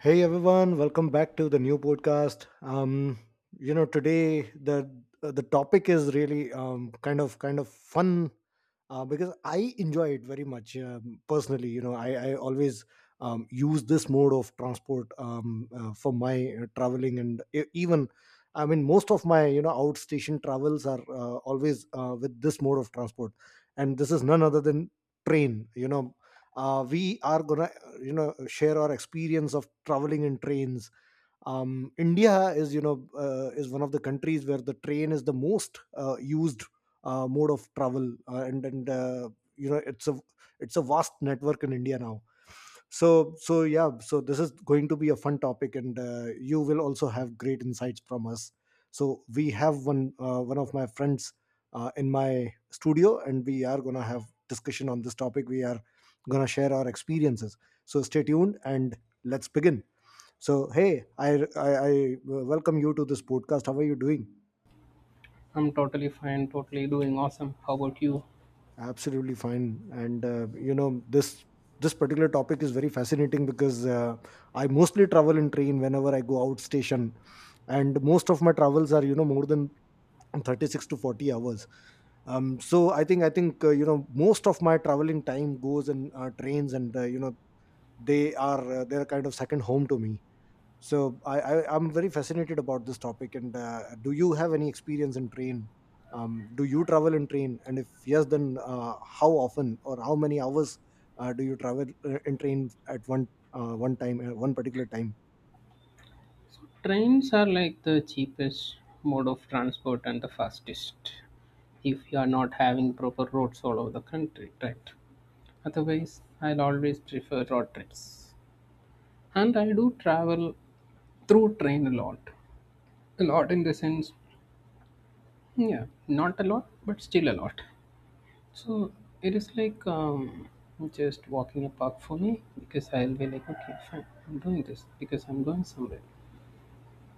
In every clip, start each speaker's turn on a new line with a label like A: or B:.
A: Hey everyone, welcome back to the new podcast. Today the topic is really kind of fun because I enjoy it very much personally. You know, I always use this mode of transport for my traveling and even most of my outstation travels are always with this mode of transport, and this is none other than train. We are gonna share our experience of traveling in trains. India is is one of the countries where the train is the most used mode of travel, and you know it's a it's a vast network in India now. So yeah, so this is going to be a fun topic, and you will also have great insights from us. So we have one of my friends in my studio, and we are gonna have discussion on this topic. We are gonna share our experiences. So stay tuned and let's begin. So, hey, I welcome you to this podcast. How are you doing?
B: I'm totally fine, totally doing awesome. How about you?
A: Absolutely fine. This particular topic is very fascinating because I mostly travel in train whenever I go out station. And most of my travels are, you know, more than 36 to 40 hours. So I think you know Most of my traveling time goes in trains, and they are they're kind of second home to me. So I'm very fascinated about this topic. And do you have any experience in train? Do you travel in train? And if yes, then how often or how many hours do you travel in train at one time, one particular time?
B: Trains are like the cheapest mode of transport and the fastest if you are not having proper roads all over the country, right? Otherwise, I'll always prefer road trips. And I do travel through train a lot. A lot in the sense, yeah, not a lot, but still a lot. So it is like just walking a park for me because I'll be like, okay, fine, I'm doing this because I'm going somewhere.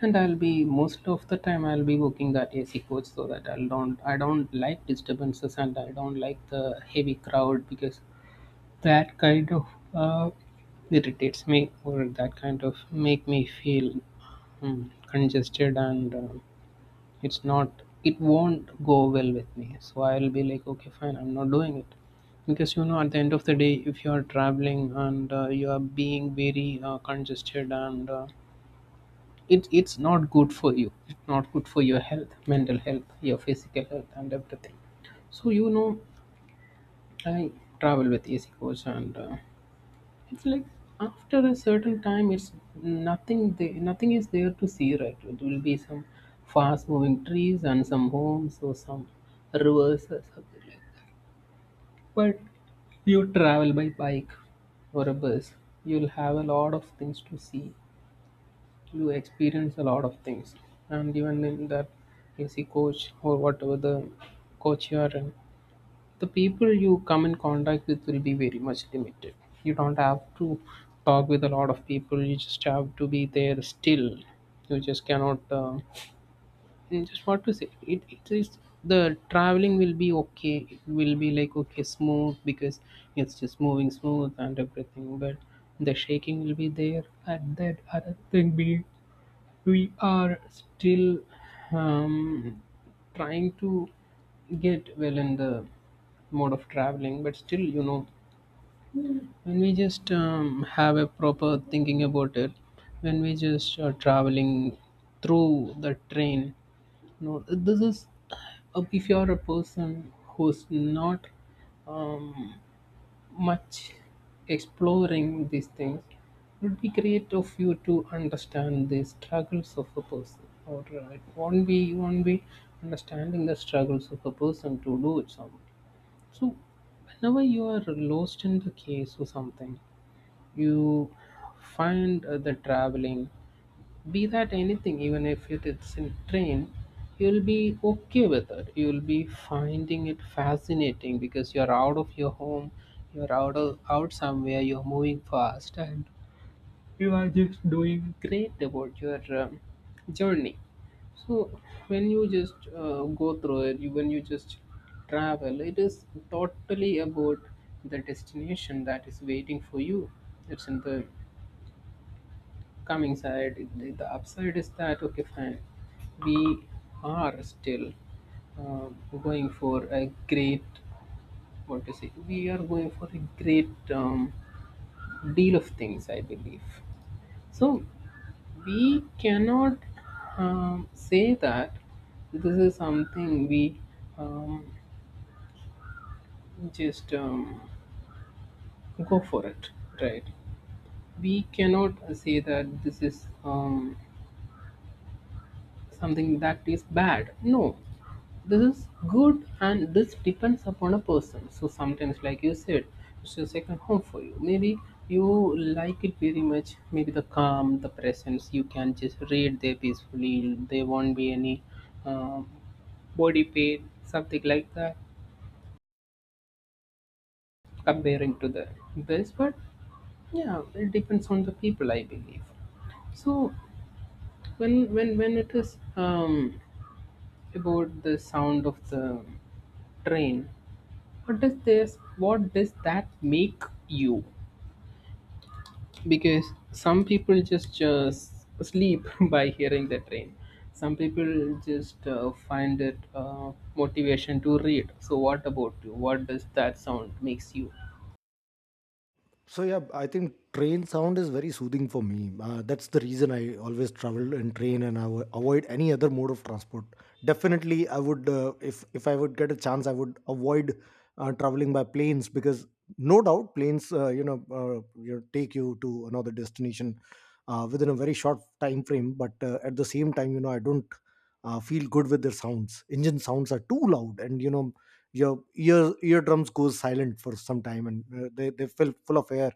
B: And I'll be, most of the time I'll be working that AC coach so that I don't like disturbances, and I don't like the heavy crowd because that kind of uh, irritates me, or that kind of make me feel congested, and it's not, it won't go well with me. So I'll be like, okay, fine, I'm not doing it because, you know, at the end of the day if you are traveling and you are being very congested, and it's not good for you, it's not good for your health, mental health, your physical health and everything. So, you know, I travel with AC coach, and it's like after a certain time it's nothing there, nothing is there to see, right? It will be some fast moving trees and some homes or some rivers or something like that. But you travel by bike or a bus, you'll have a lot of things to see, you experience a lot of things. And even in that AC coach or whatever the coach you are in, the people you come in contact with will be very much limited. You don't have to talk with a lot of people, you just have to be there still. You just cannot, you just, what to say, it is, the traveling will be okay, it will be like okay, smooth, because it's just moving smooth and everything, but the shaking will be there and that other thing be, we are still um, trying to get well in the mode of traveling. But still, you know, when we just have a proper thinking about it, when we just are traveling through the train, you know, this is, if you're a person who's not um, much exploring these things, would be great of you to understand the struggles of a person, or it won't be, you won't be understanding the struggles of a person to do it, some. So whenever you are lost in the case or something, you find the traveling, be that anything, even if it is in train, you'll be okay with it, you'll be finding it fascinating because you're out of your home, you're out of, out somewhere, you're moving fast, and you are just doing great about your journey. So when you just go through it, you, when you just travel, it is totally about the destination that is waiting for you. It's in the coming side, the upside is that okay, fine, we are still um, going for a great, what to say, we are going for a great deal of things, I believe. So we cannot say that this is something we um, just go for it, right? We cannot say that this is something that is bad. No, this is good, and this depends upon a person. So sometimes, like you said, it's your second home for you, maybe you like it very much, maybe the calm, the presence, you can just read there peacefully, there won't be any um, body pain, something like that, comparing to the this. But yeah, it depends on the people, I believe. So when it is about the sound of the train, what does this, what does that make you? Because some people just sleep by hearing the train, some people just find it motivation to read. So what about you, what does that sound makes you?
A: So yeah, I think train sound is very soothing for me. That's the reason I always travel in train and I avoid any other mode of transport. Definitely, I would, if I would get a chance, I would avoid traveling by planes because no doubt planes take you to another destination within a very short time frame. But at the same time, you know I don't feel good with their sounds. Engine sounds are too loud, and you know your ear eardrums goes silent for some time, and they feel full of air,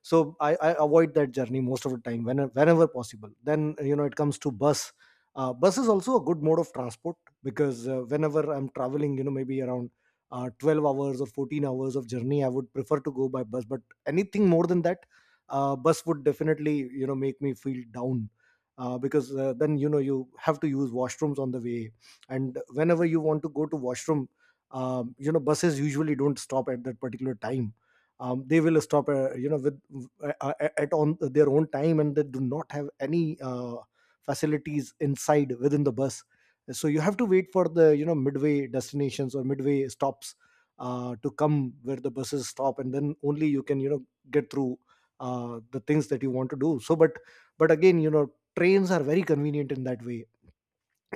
A: so I avoid that journey most of the time whenever, whenever possible. Then you know it comes to bus. Bus is also a good mode of transport because whenever I'm traveling, you know, maybe around 12 hours or 14 hours of journey, I would prefer to go by bus. But anything more than that, bus would definitely, you know, make me feel down, because then you know you have to use washrooms on the way. And whenever you want to go to washroom, you know buses usually don't stop at that particular time. They will stop with at on their own time, and they do not have any facilities inside within the bus. So you have to wait for the, you know, midway destinations or midway stops to come, where the buses stop, and then only you can, you know, get through the things that you want to do. So but again, you know, trains are very convenient in that way.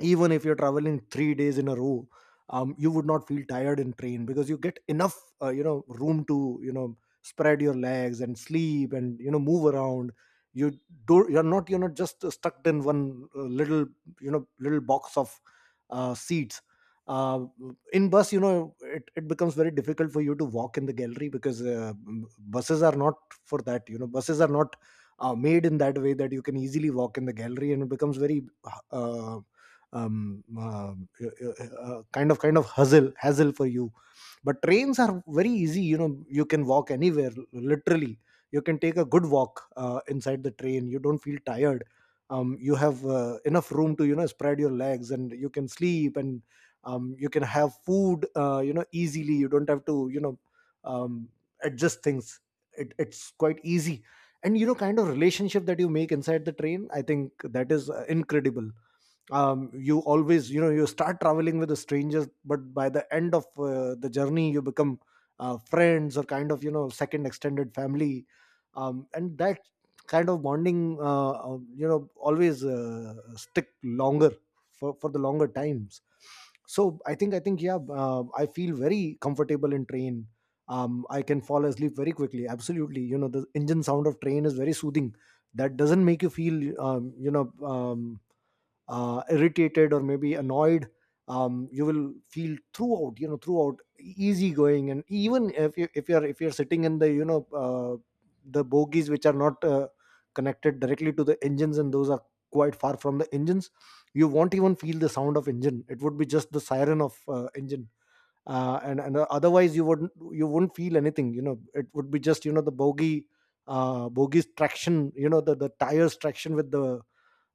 A: Even if you're traveling 3 days in a row, you would not feel tired in train because you get enough, you know, room to, you know, spread your legs and sleep and, you know, move around. you you're not just stuck in one little, you know, little box of seats. uh, in bus, you know, it becomes very difficult for you to walk in the gallery because buses are not for that. You know buses are not made in that way that you can easily walk in the gallery, and it becomes very uh, kind of hustle hassle for you. But trains are very easy. You know, you can walk anywhere literally. You can take a good walk inside the train. You don't feel tired. You have enough room to, you know, spread your legs, and you can sleep. And you can have food you know easily. You don't have to, you know, um, adjust things. It's quite easy. And you know kind of relationship that you make inside the train, I think that is incredible. You always, you know, you start traveling with the strangers, but by the end of the journey, you become friends or kind of, you know, second extended family. And that kind of bonding you know always stick longer for the longer times. So I think yeah, I feel very comfortable in train. I can fall asleep very quickly. Absolutely, you know, the engine sound of train is very soothing. That doesn't make you feel irritated or maybe annoyed. You will feel throughout, you know, throughout easygoing. And even if you if you're sitting in the, you know, the bogies, which are not connected directly to the engines, and those are quite far from the engines, you won't even feel the sound of engine. It would be just the siren of engine. And otherwise, you wouldn't feel anything. You know, it would be just, you know, the bogies traction, you know, the tires traction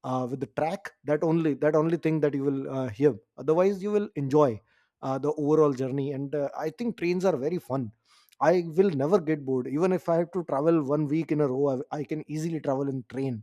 A: with the track. That only thing that you will hear. Otherwise, you will enjoy the overall journey. And I think trains are very fun. I will never get bored even if I have to travel 1 week in a row. I can easily travel in train.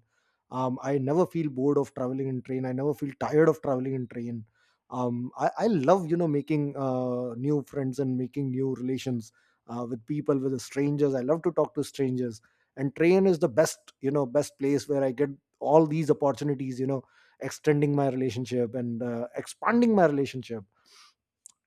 A: I never feel bored of traveling in train. I never feel tired of traveling in train. I love, you know, making new friends and making new relations with people, with the strangers. I love to talk to strangers, and train is the best, you know, best place where I get all these opportunities. You know, extending my relationship and expanding my relationship,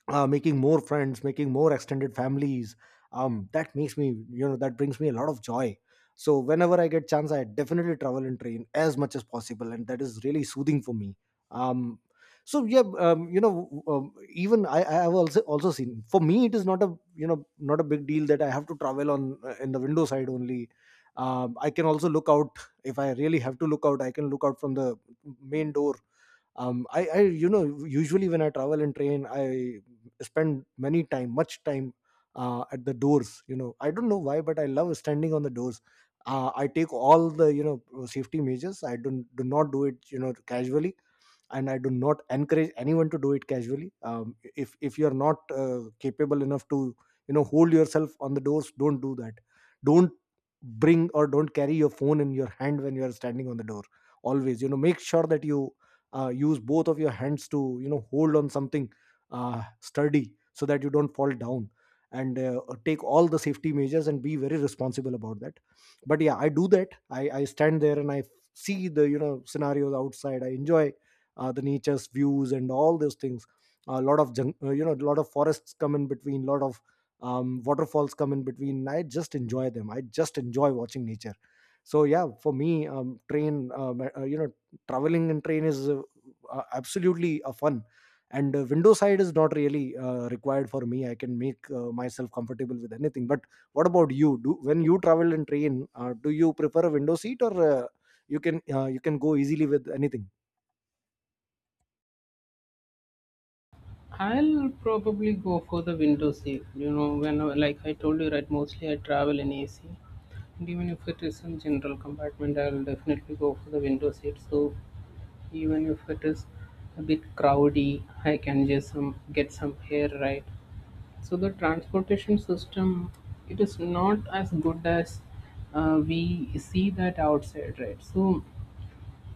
A: making more friends, making more extended families. That makes me, you know, that brings me a lot of joy. So whenever I get chance, I definitely travel and train as much as possible, and that is really soothing for me. Um, yeah, I have also seen. For me, it is not a, you know, not a big deal that I have to travel on, in the window side only. I can also look out if I really have to look out. I can look out from the main door. I You know, usually when I travel in train, I spend many time much time at the doors. You know, I don't know why, but I love standing on the doors. I take all the, you know, safety measures. I don't do not do it, you know, casually, and I do not encourage anyone to do it casually. If you're not capable enough to, you know, hold yourself on the doors, don't do that. Don't bring or don't carry your phone in your hand when you are standing on the door. Always, you know, make sure that you use both of your hands to, you know, hold on something sturdy so that you don't fall down. And take all the safety measures and be very responsible about that. But yeah, I do that. I stand there and I see the, you know, scenarios outside. I enjoy the nature's views and all those things. A lot of you know, a lot of forests come in between, lot of waterfalls come in between. I just enjoy them. I just enjoy watching nature. So yeah, for me, train you know, traveling in train is absolutely a fun. And window side is not really required for me. I can make myself comfortable with anything. But what about you do when you travel in train? Do you prefer a window seat, or you can go easily with anything?
B: I'll probably go for the window seat, you know, when like I told you right, mostly I travel in AC, and even if it is in general compartment, I'll definitely go for the window seat. So even if it is a bit crowdy, I can just some, get some hair, right? So the transportation system, it is not as good as we see that outside, right? So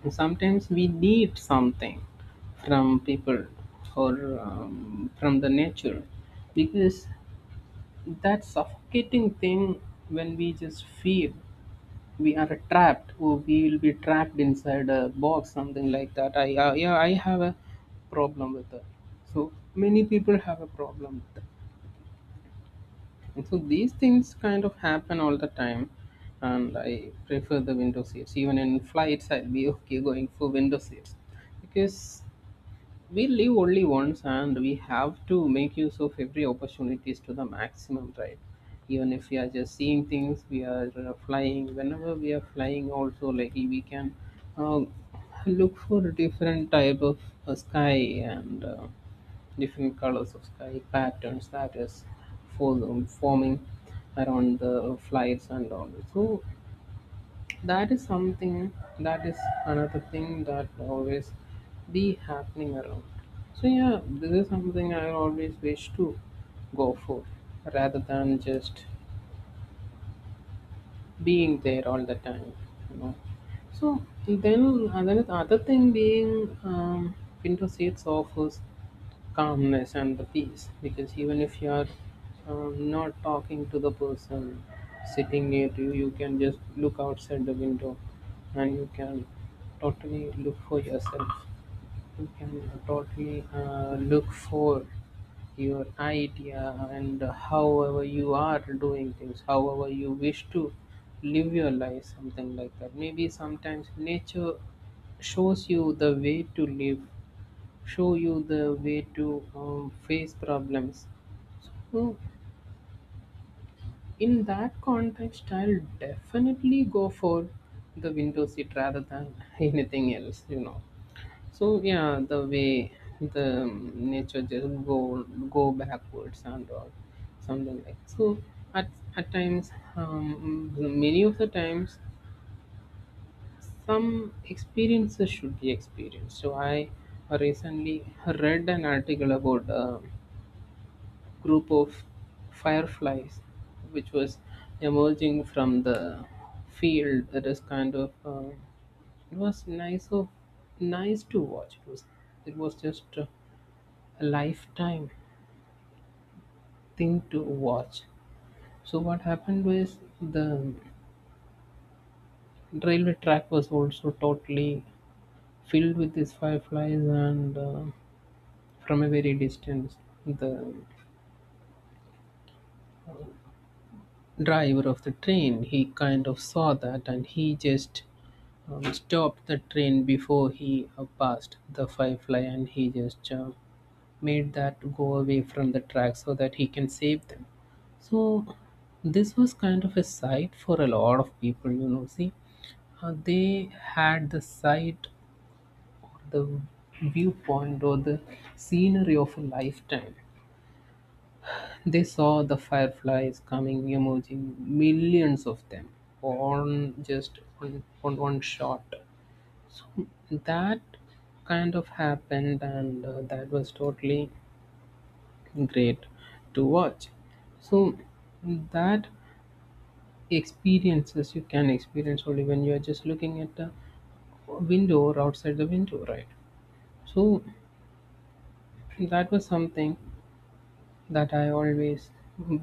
B: sometimes we need something from people, or from the nature, because that suffocating thing, when we just feel we are trapped, oh, we will be trapped inside a box, something like that. I yeah, I have a problem with that. So many people have a problem with that, and so these things kind of happen all the time. And I prefer the window seats. Even in flights, I'll be okay going for window seats, because we live only once, and we have to make use of every opportunities to the maximum, right? Even if we are just seeing things, we are flying. Whenever we are flying also, like, we can uh, look for different type of sky, and different colors of sky patterns that is forming around the flights and all. So that is something, that is another thing that always be happening around. So yeah, this is something I always wish to go for, rather than just being there all the time, you know. So then another, other thing being window seats offers calmness and the peace, because even if you are not talking to the person sitting near to you, you can just look outside the window, and you can totally look for yourself. You can totally look for your idea, and however you are doing things, however you wish to live your life, something like that. Maybe sometimes nature shows you the way to live, show you the way to face problems. So in that context, I'll definitely go for the window seat rather than anything else, you know. So yeah, the way the nature just go backwards and all, something like so. At at times, many of the times, some experiences should be experienced. So I recently read an article about a group of fireflies, which was emerging from the field. That is kind of it was nice of, nice to watch. It was, it was just. A lifetime thing to watch. So what happened was the railway track was also totally filled with these fireflies, and from a very distance, the driver of the train, he kind of saw that, and he just stopped the train before he passed the firefly, and he just made that go away from the track so that he can save them. So this was kind of a sight for a lot of people, you know. See, they had the sight, or the viewpoint, or the scenery of a lifetime. They saw the fireflies coming, emerging, millions of them on just on one shot. That kind of happened, and that was totally great to watch. So that experiences you can experience only when you are just looking at the window or outside the window, right? So that was something that I always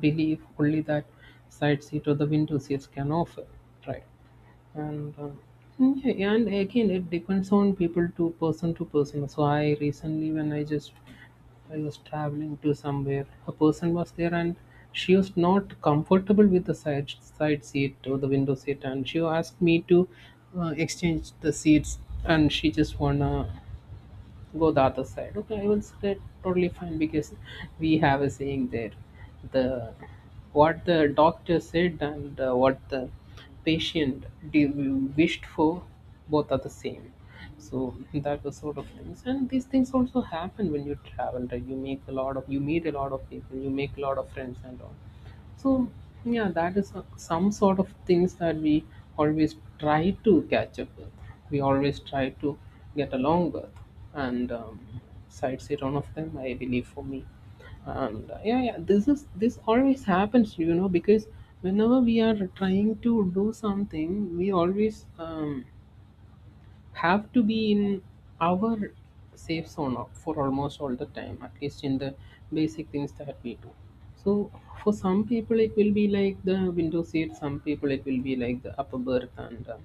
B: believe only that side seat or the window seats can offer, right? And yeah, and again it depends on people to person to person. So I recently, when I just, I was traveling to somewhere, a person was there, and she was not comfortable with the side seat or the window seat, and she asked me to exchange the seats, and she just wanna go the other side. Okay, I will say totally fine, because we have a saying there. The, what the doctor said, and what the patient wished for, both are the same. So that was sort of things, and these things also happen when you travel. Right? You make a lot of, you meet a lot of people, you make a lot of friends and all. So yeah, that is some sort of things that we always try to catch up with. We always try to get along with, and sideshow one of them, I believe, for me. And yeah, yeah, this is, this always happens, you know, because whenever we are trying to do something, we always have to be in our safe zone for almost all the time, at least in the basic things that we do. So for some people it will be like the window seat, some people it will be like the upper berth and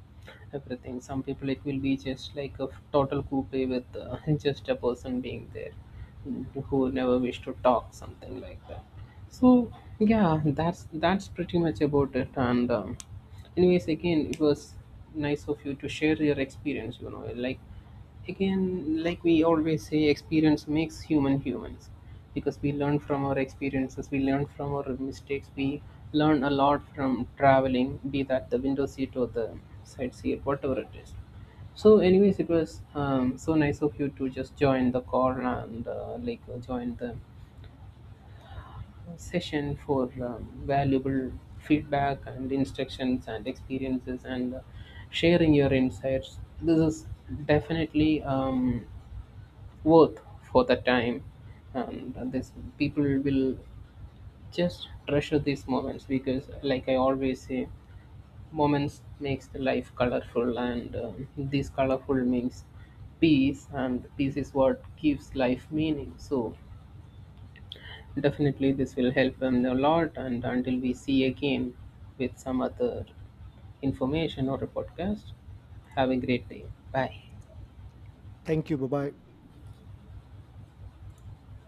B: everything, some people it will be just like a total coupe with just a person being there, who never wish to talk, something like that. So yeah, that's pretty much about it. And anyways, again, it was nice of you to share your experience, you know, like, again, like we always say, experience makes human humans, because we learn from our experiences, we learn from our mistakes, we learn a lot from traveling, be that the window seat or the side seat, whatever it is. So anyways, it was so nice of you to just join the call, and like join the session for valuable feedback and instructions and experiences and sharing your insights. This is definitely worth for the time, and this people will just treasure these moments because, like I always say, moments makes the life colorful, and um, these colorful means peace, and peace is what gives life meaning. So definitely, this will help them a lot. And until we see again with some other information or a podcast, have a great day. Bye.
A: Thank you. Bye bye.